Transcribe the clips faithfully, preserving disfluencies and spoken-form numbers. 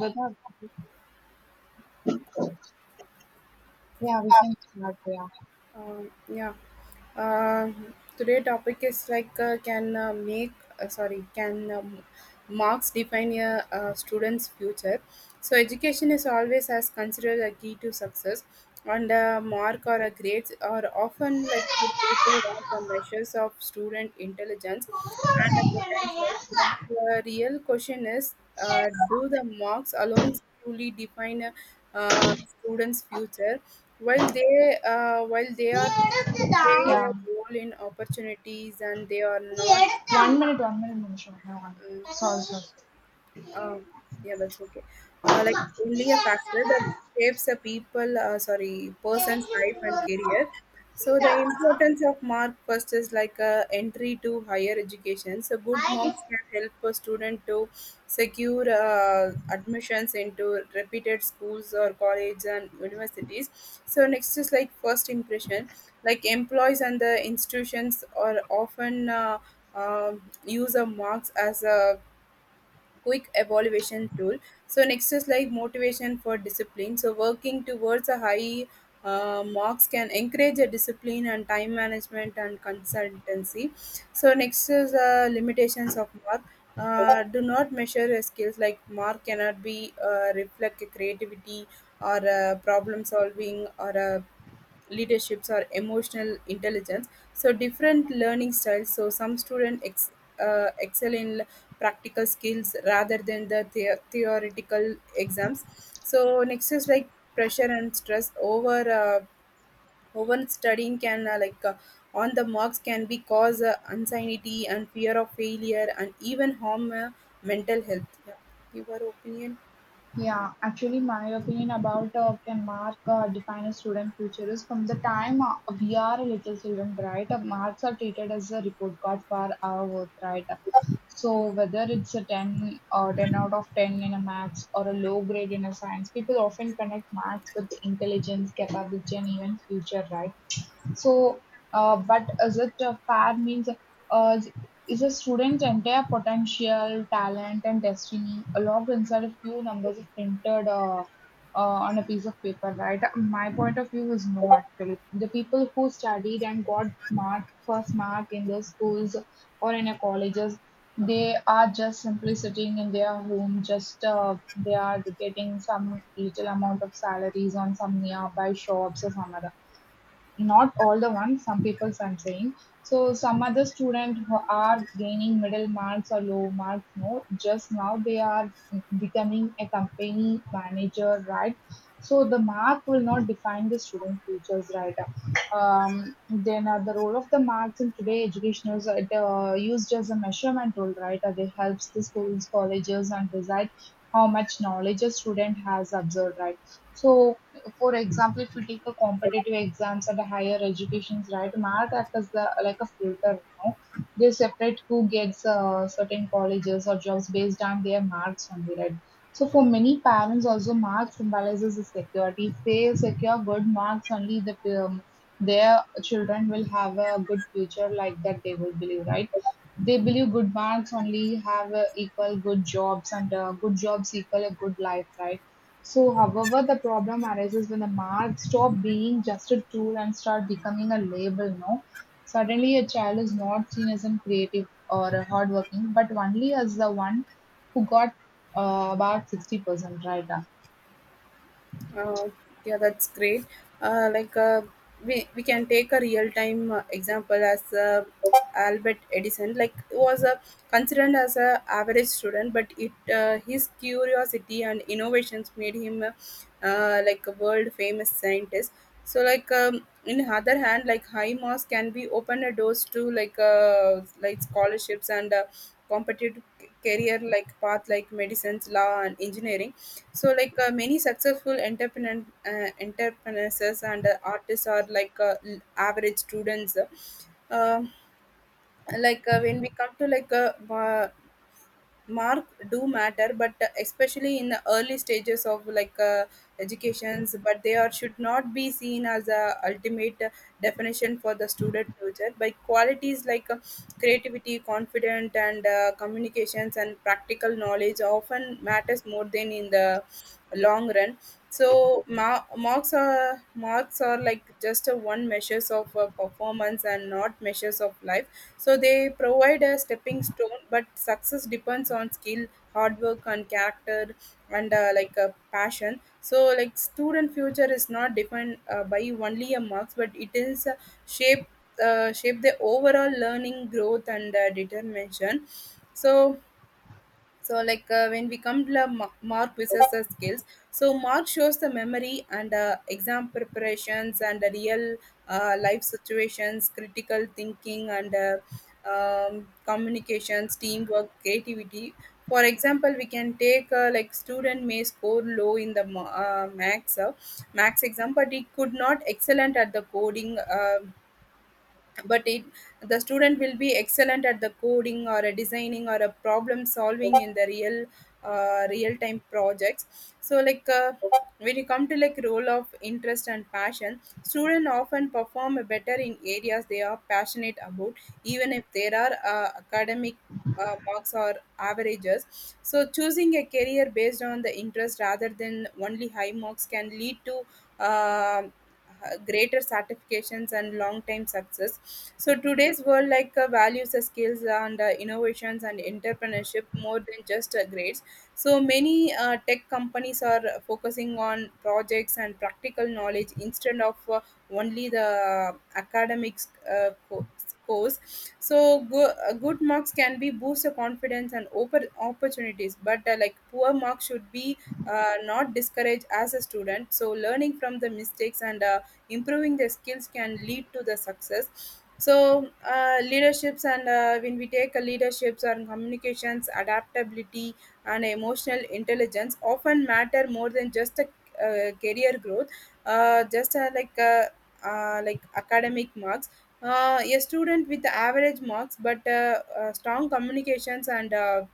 But that, yeah, we can start there. Um, yeah. Uh, Today topic is like uh, can uh, make uh, sorry can um, marks define a, uh student's future. So education is always as considered a key to success, and a mark or a grades are often like treated as the measures of student intelligence and a potential. But the real question is, uh, do the marks alone truly define a uh, student's future? While they uh, while they are they play Yeah. a role in opportunities and they are not. One minute, one minute, Munishwa. No, one minute. mm, Sorry, sorry. uh, yeah, that's okay. Uh, like only a factor that shapes a people, uh, sorry, person's life and career. So the importance of mark first is like a entry to higher education. So good marks I can help a student to secure uh, admissions into reputed schools or colleges and universities. So next is like first impression. Like employees and the institutions are often uh, um use of marks as a quick evaluation tool. So next is like motivation for discipline. So working towards a high uh, marks can encourage a discipline and time management and consultancy. So next is uh, limitations of mark. Uh, do not measure uh, skills. Like mark cannot be uh, reflect creativity or uh, problem solving or uh, leaderships or emotional intelligence. So different learning styles, so some students ex, uh, excel in practical skills rather than the, the theoretical exams. So next is like pressure and stress over uh, over studying can uh, like uh, on the marks can be cause uh, anxiety and fear of failure and even harm uh, mental health. Yeah, your opinion. Yeah, actually, my opinion about uh, can mark uh, define a student future is from the time uh, we are a little children, right? Uh, marks are treated as a report card for our work, right? So whether it's a ten or ten out of ten in a maths or a low grade in a science, people often connect marks with intelligence, capability, and even future, right? So, uh, but is it uh, fair means uh, is a student's entire potential, talent, and destiny locked inside a few numbers printed uh, uh, on a piece of paper, right? My point of view is no, actually. The people who studied and got mark first mark in their schools or in their colleges, they are just simply sitting in their home. Just uh, they are getting some little amount of salaries on some nearby shops or some other not all the ones, some people I'm saying. So some other students who are gaining middle marks or low marks, no, just now they are becoming a company manager, right? So the mark will not define the student futures, right? Um, then uh, the role of the marks in today education is uh, used as a measurement tool, right? Uh, they helps the schools, colleges, and decide how much knowledge a student has observed, right? So for example, if you take a competitive exams at a higher educations, right, mark act as the like a filter, you know. They separate who gets uh, certain colleges or jobs based on their marks only, right? So for many parents, also marks symbolizes the security. If they secure good marks, only the um, their children will have a good future like that. They will believe, right? They believe good marks only have uh, equal good jobs, and uh, good jobs equal a good life, right? So, however, the problem arises when the mark stop being just a tool and start becoming a label. No, suddenly a child is not seen as a creative or a hardworking, but only as the one who got uh, about sixty percent right. uh. Uh, yeah, that's great. Uh, like uh, we we can take a real time uh, example as uh, Albert Edison. Like he was a considered as a average student, but it uh, his curiosity and innovations made him uh, uh, like a world famous scientist. So like um, in other hand, like high marks can be open a doors to like uh, like scholarships and uh, competitive c- career like path like medicines, law and engineering. So like uh, many successful entrepreneur uh, entrepreneurs and uh, artists are like uh, l- average students. Uh, like uh, when we come to like uh, wa- mark do matter, but especially in the early stages of like uh, educations, but they are should not be seen as a ultimate definition for the student future by qualities like uh, creativity confident and uh, communications and practical knowledge often matters more than in the long run. So ma- marks are marks are like just a one measures of uh, performance and not measures of life. So they provide a stepping stone, but success depends on skill, hard work, and character, and uh, like a passion. So like student future is not defined uh, by only a marks, but it is uh, shaped uh, shape the overall learning growth and uh, determination. So so like uh, when we come to love, Ma- mark possesses the skills. So mark shows the memory and uh, exam preparations and the real uh, life situations, critical thinking and uh, um, communications, teamwork, creativity. For example, we can take uh, like student may score low in the ma- uh, max uh, max exam, but he could not excellent at the coding uh, but it The student will be excellent at the coding or a designing or a problem solving in the real uh, real time projects. So like uh, when you come to like role of interest and passion, students often perform better in areas they are passionate about, even if there are uh, academic uh, marks or averages. So choosing a career based on the interest rather than only high marks can lead to um uh, greater satisfactions and long time success. So today's world like uh, values the skills and uh, innovations and entrepreneurship more than just uh, grades. So many uh, tech companies are focusing on projects and practical knowledge instead of uh, only the academics uh, co- scores. So go- uh, good marks can be boost the confidence and open opportunities, but uh, like poor marks should be uh, not discouraged as a student. So learning from the mistakes and uh, improving their skills can lead to the success. So uh, leaderships and uh, when we take a leaderships and communications, adaptability and emotional intelligence often matter more than just a uh, career growth, uh, just uh, like uh, uh, like academic marks. Uh, a student with average marks but uh, uh, strong communications and uh,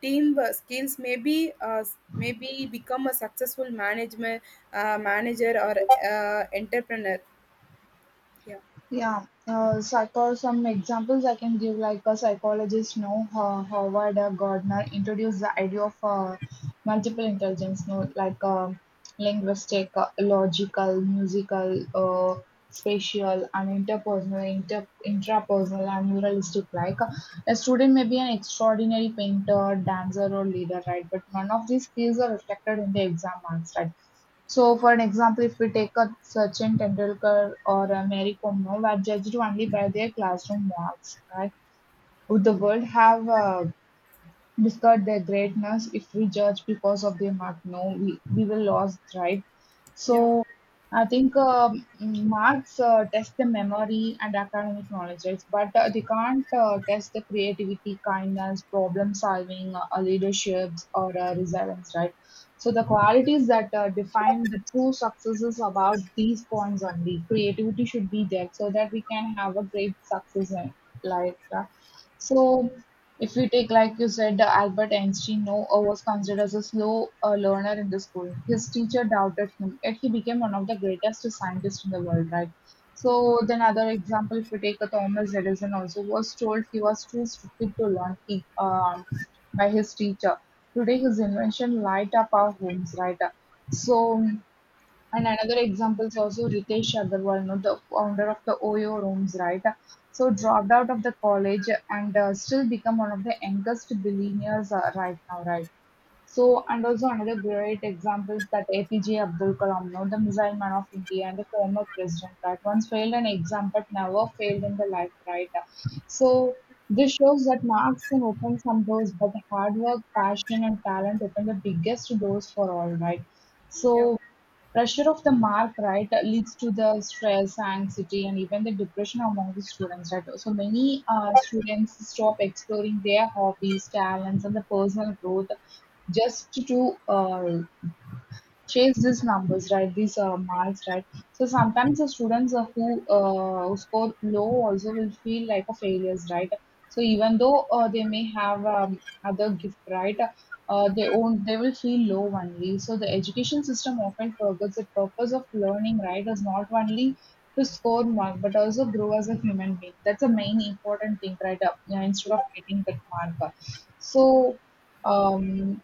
team uh, skills may be uh, may be become a successful manager uh, manager or uh, entrepreneur. Yeah, Yeah, uh, psycho. Some examples I can give, like a psychologist, no, uh, Howard uh, Gardner introduced the idea of uh, multiple intelligence, no, like um linguistic, uh, logical, musical, uh, spatial, and interpersonal, inter intrapersonal, and neuralistic. Like uh, a student may be an extraordinary painter, dancer, or leader, right? But none of these skills are reflected in the exam marks, right? So, for an example, if we take a Sachin Tendulkar or a Mary Kom, now, were judged only by their classroom marks, right? Would the world have uh, discard their greatness. If we judge because of their mark, no, we, we will lose, right? yeah, So I think um, marks uh, test the memory and academic knowledge, right? But uh, they can't uh, test the creativity, kindness, problem solving, uh, leaderships, or uh, resilience, right? So the qualities that uh, define the true success is about these points only. Creativity should be there so that we can have a great success in life. Yeah. So if we take, like you said, uh, Albert Einstein, no, uh, was considered as a slow uh, learner in the school. His teacher doubted him, yet he became one of the greatest scientists in the world, right? So then, other example, if we take a Thomas Edison, also was told he was too stupid to learn he, um by his teacher. Today, his invention light up our homes, right? So and another example is also Ritesh Agarwal, you know, the founder of the OYO rooms, right? So dropped out of the college and uh, still become one of the youngest billionaires uh, right now, right? So, and also another great example is that A P J Abdul Kalam, now the missile man of India and the former president, right? Once failed an exam but never failed in the life, right? So, this shows that marks can open some doors, but hard work, passion, and talent open the biggest doors for all, right? yeah, So, pressure of the mark, right, leads to the stress, anxiety, and even the depression among the students, right? So, many uh, students stop exploring their hobbies, talents, and the personal growth just to uh, chase these numbers, right? These uh, marks, right? So sometimes the students uh, who uh, who score low also will feel like a failures, right? So even though uh, they may have um, other gift, right? Uh, they own they will feel low only. So the education system often forgets the purpose of learning, right? Is not only to score mark, but also grow as a human being. That's the main important thing, right? Uh, yeah, instead of getting that mark. So um,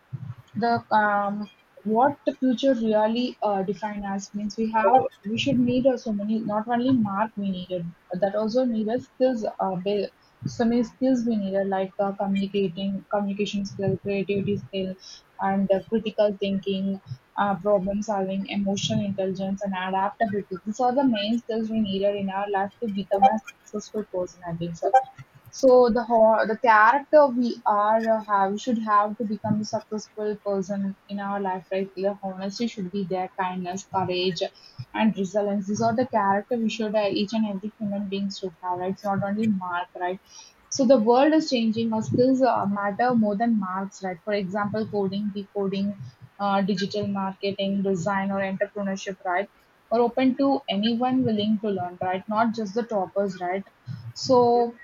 the um, what the future really uh, define as means we have we should need uh, so many not only mark we needed that also need a skills uh, ba- so many skills we needed like uh, communicating communication skill creativity skill and uh, critical thinking uh, problem solving emotional intelligence and adaptability these are the main skills we needed in our life to become a successful person I think so. So the ho- the character we are uh, have we should have to become a successful person in our life, right? The honesty should be there, kindness, courage, and resilience. These are the character we should uh, each and every human being should have, right? It's not only mark, right? So the world is changing. Our skills uh, matter more than marks, right? For example, coding, decoding, uh, digital marketing, design, or entrepreneurship, right? Are open to anyone willing to learn, right? Not just the toppers, right? So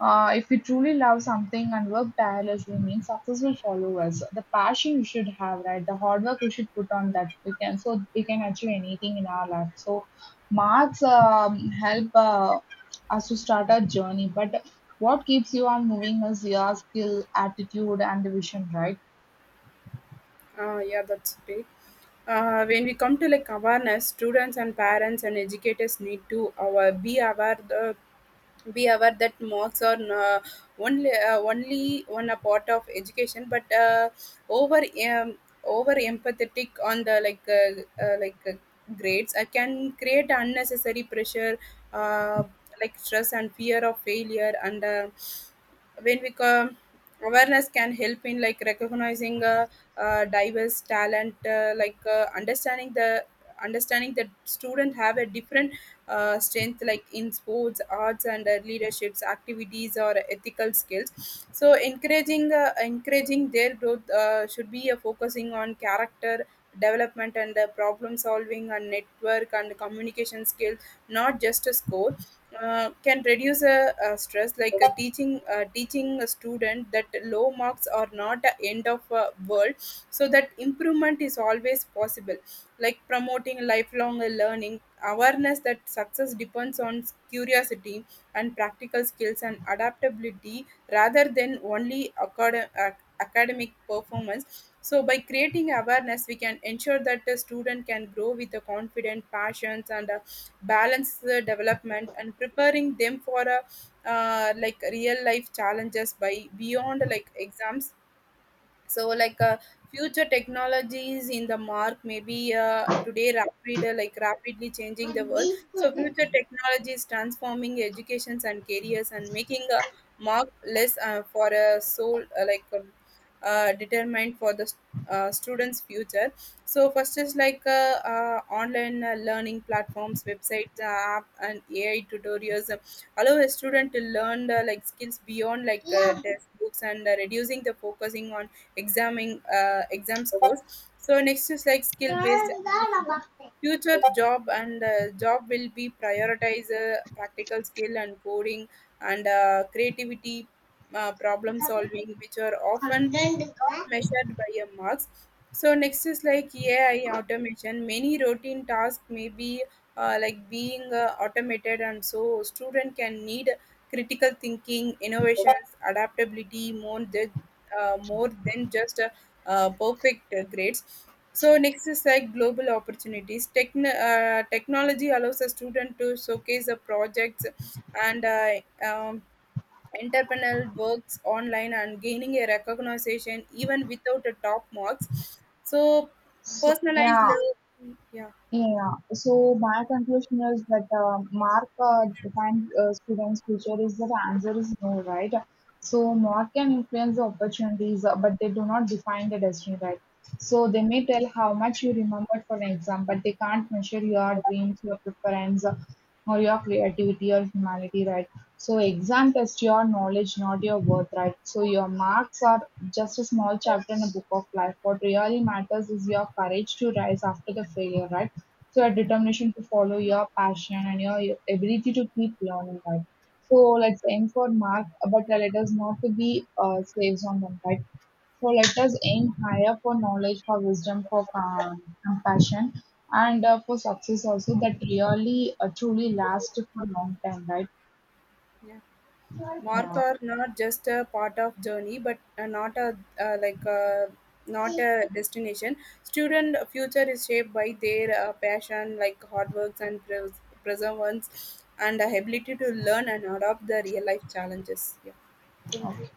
uh, if we truly love something and work tirelessly, means success will follow us. The passion we should have, right? The hard work we should put on that we can, so we can achieve anything in our life. So, marks um, help uh, us to start our journey. But what keeps you on moving is your skill, attitude, and vision, right? uh, yeah. That's great. Uh, when we come to like awareness, students and parents and educators need to uh, be aware the be aware that marks are uh, only uh, only one a part of education, but uh, over um, over empathetic on the like uh, uh, like uh, grades, I can create unnecessary pressure, uh, like stress and fear of failure. And uh, when we come, awareness can help in like recognizing uh, uh, diverse talent, uh, like uh, understanding the understanding that student have a different uh, strength, like in sports, arts, and uh, leaderships activities or ethical skills. So encouraging uh, encouraging their growth uh, should be uh, focusing on character development and uh, problem solving and network and communication skills, not just a score, uh, can reduce uh, uh, stress. Like uh, teaching uh, teaching a student that low marks are not the end of uh, world, so that improvement is always possible. Like promoting lifelong uh, learning awareness that success depends on curiosity and practical skills and adaptability rather than only acad- ac- academic performance. So by creating awareness, we can ensure that the student can grow with the confident passions and a balanced uh, development and preparing them for a uh, like real life challenges by beyond like exams. So like uh, future technologies in the mark maybe uh, today rapid uh, like rapidly changing the world. So future technologies transforming educations and careers and making a mark less uh, for a soul uh, like um, uh, determined for the uh, students future. So first is like uh, uh, online uh, learning platforms, websites, uh, app and AI tutorials uh, allow a student to learn uh, like skills beyond like uh, textbooks and uh, reducing the focusing on examing uh, exam scores. So next is like skill based assessment. Future job and uh, job will be prioritize uh, practical skill and coding and uh, creativity, uh, problem solving, which are often not measured by your marks. So next is like A I automation. Many routine tasks may be uh, like being uh, automated, and so student can need critical thinking, innovations, adaptability more than uh, more than just uh, uh, perfect uh, grades. So next is like global opportunities. Techn- uh, technology allows a student to showcase the projects and uh, um, entrepreneurial works online and gaining a recognition even without a top marks. So So personalized, yeah, learn- yeah. Yeah, so my conclusion is that uh, mark uh, defined uh, students' future is that answer is no, right? So mark can influence the opportunities, uh, but they do not define the destiny, right? So they may tell how much you remembered for an exam, but they can't measure your dreams, your preference, uh, or your creativity or humanity, right? So exam test your knowledge, not your worth, right? So your marks are just a small chapter in a book of life. What really matters is your courage to rise after the failure, right? So your determination to follow your passion and your, your ability to keep learning, right? So let's aim for mark, but uh, let us not to be uh, slaves on them, right? So let us aim higher for knowledge, for wisdom, for uh, compassion, and uh, for success also that really uh, truly lasts for a long time, Yeah. Mark right? are not just a part of journey, but uh, not a uh, like uh, not a Yeah. destination. Student future is shaped by their uh, passion, like hard works and pres- perseverance and ability to learn and adopt the real life challenges. Yeah, thank you.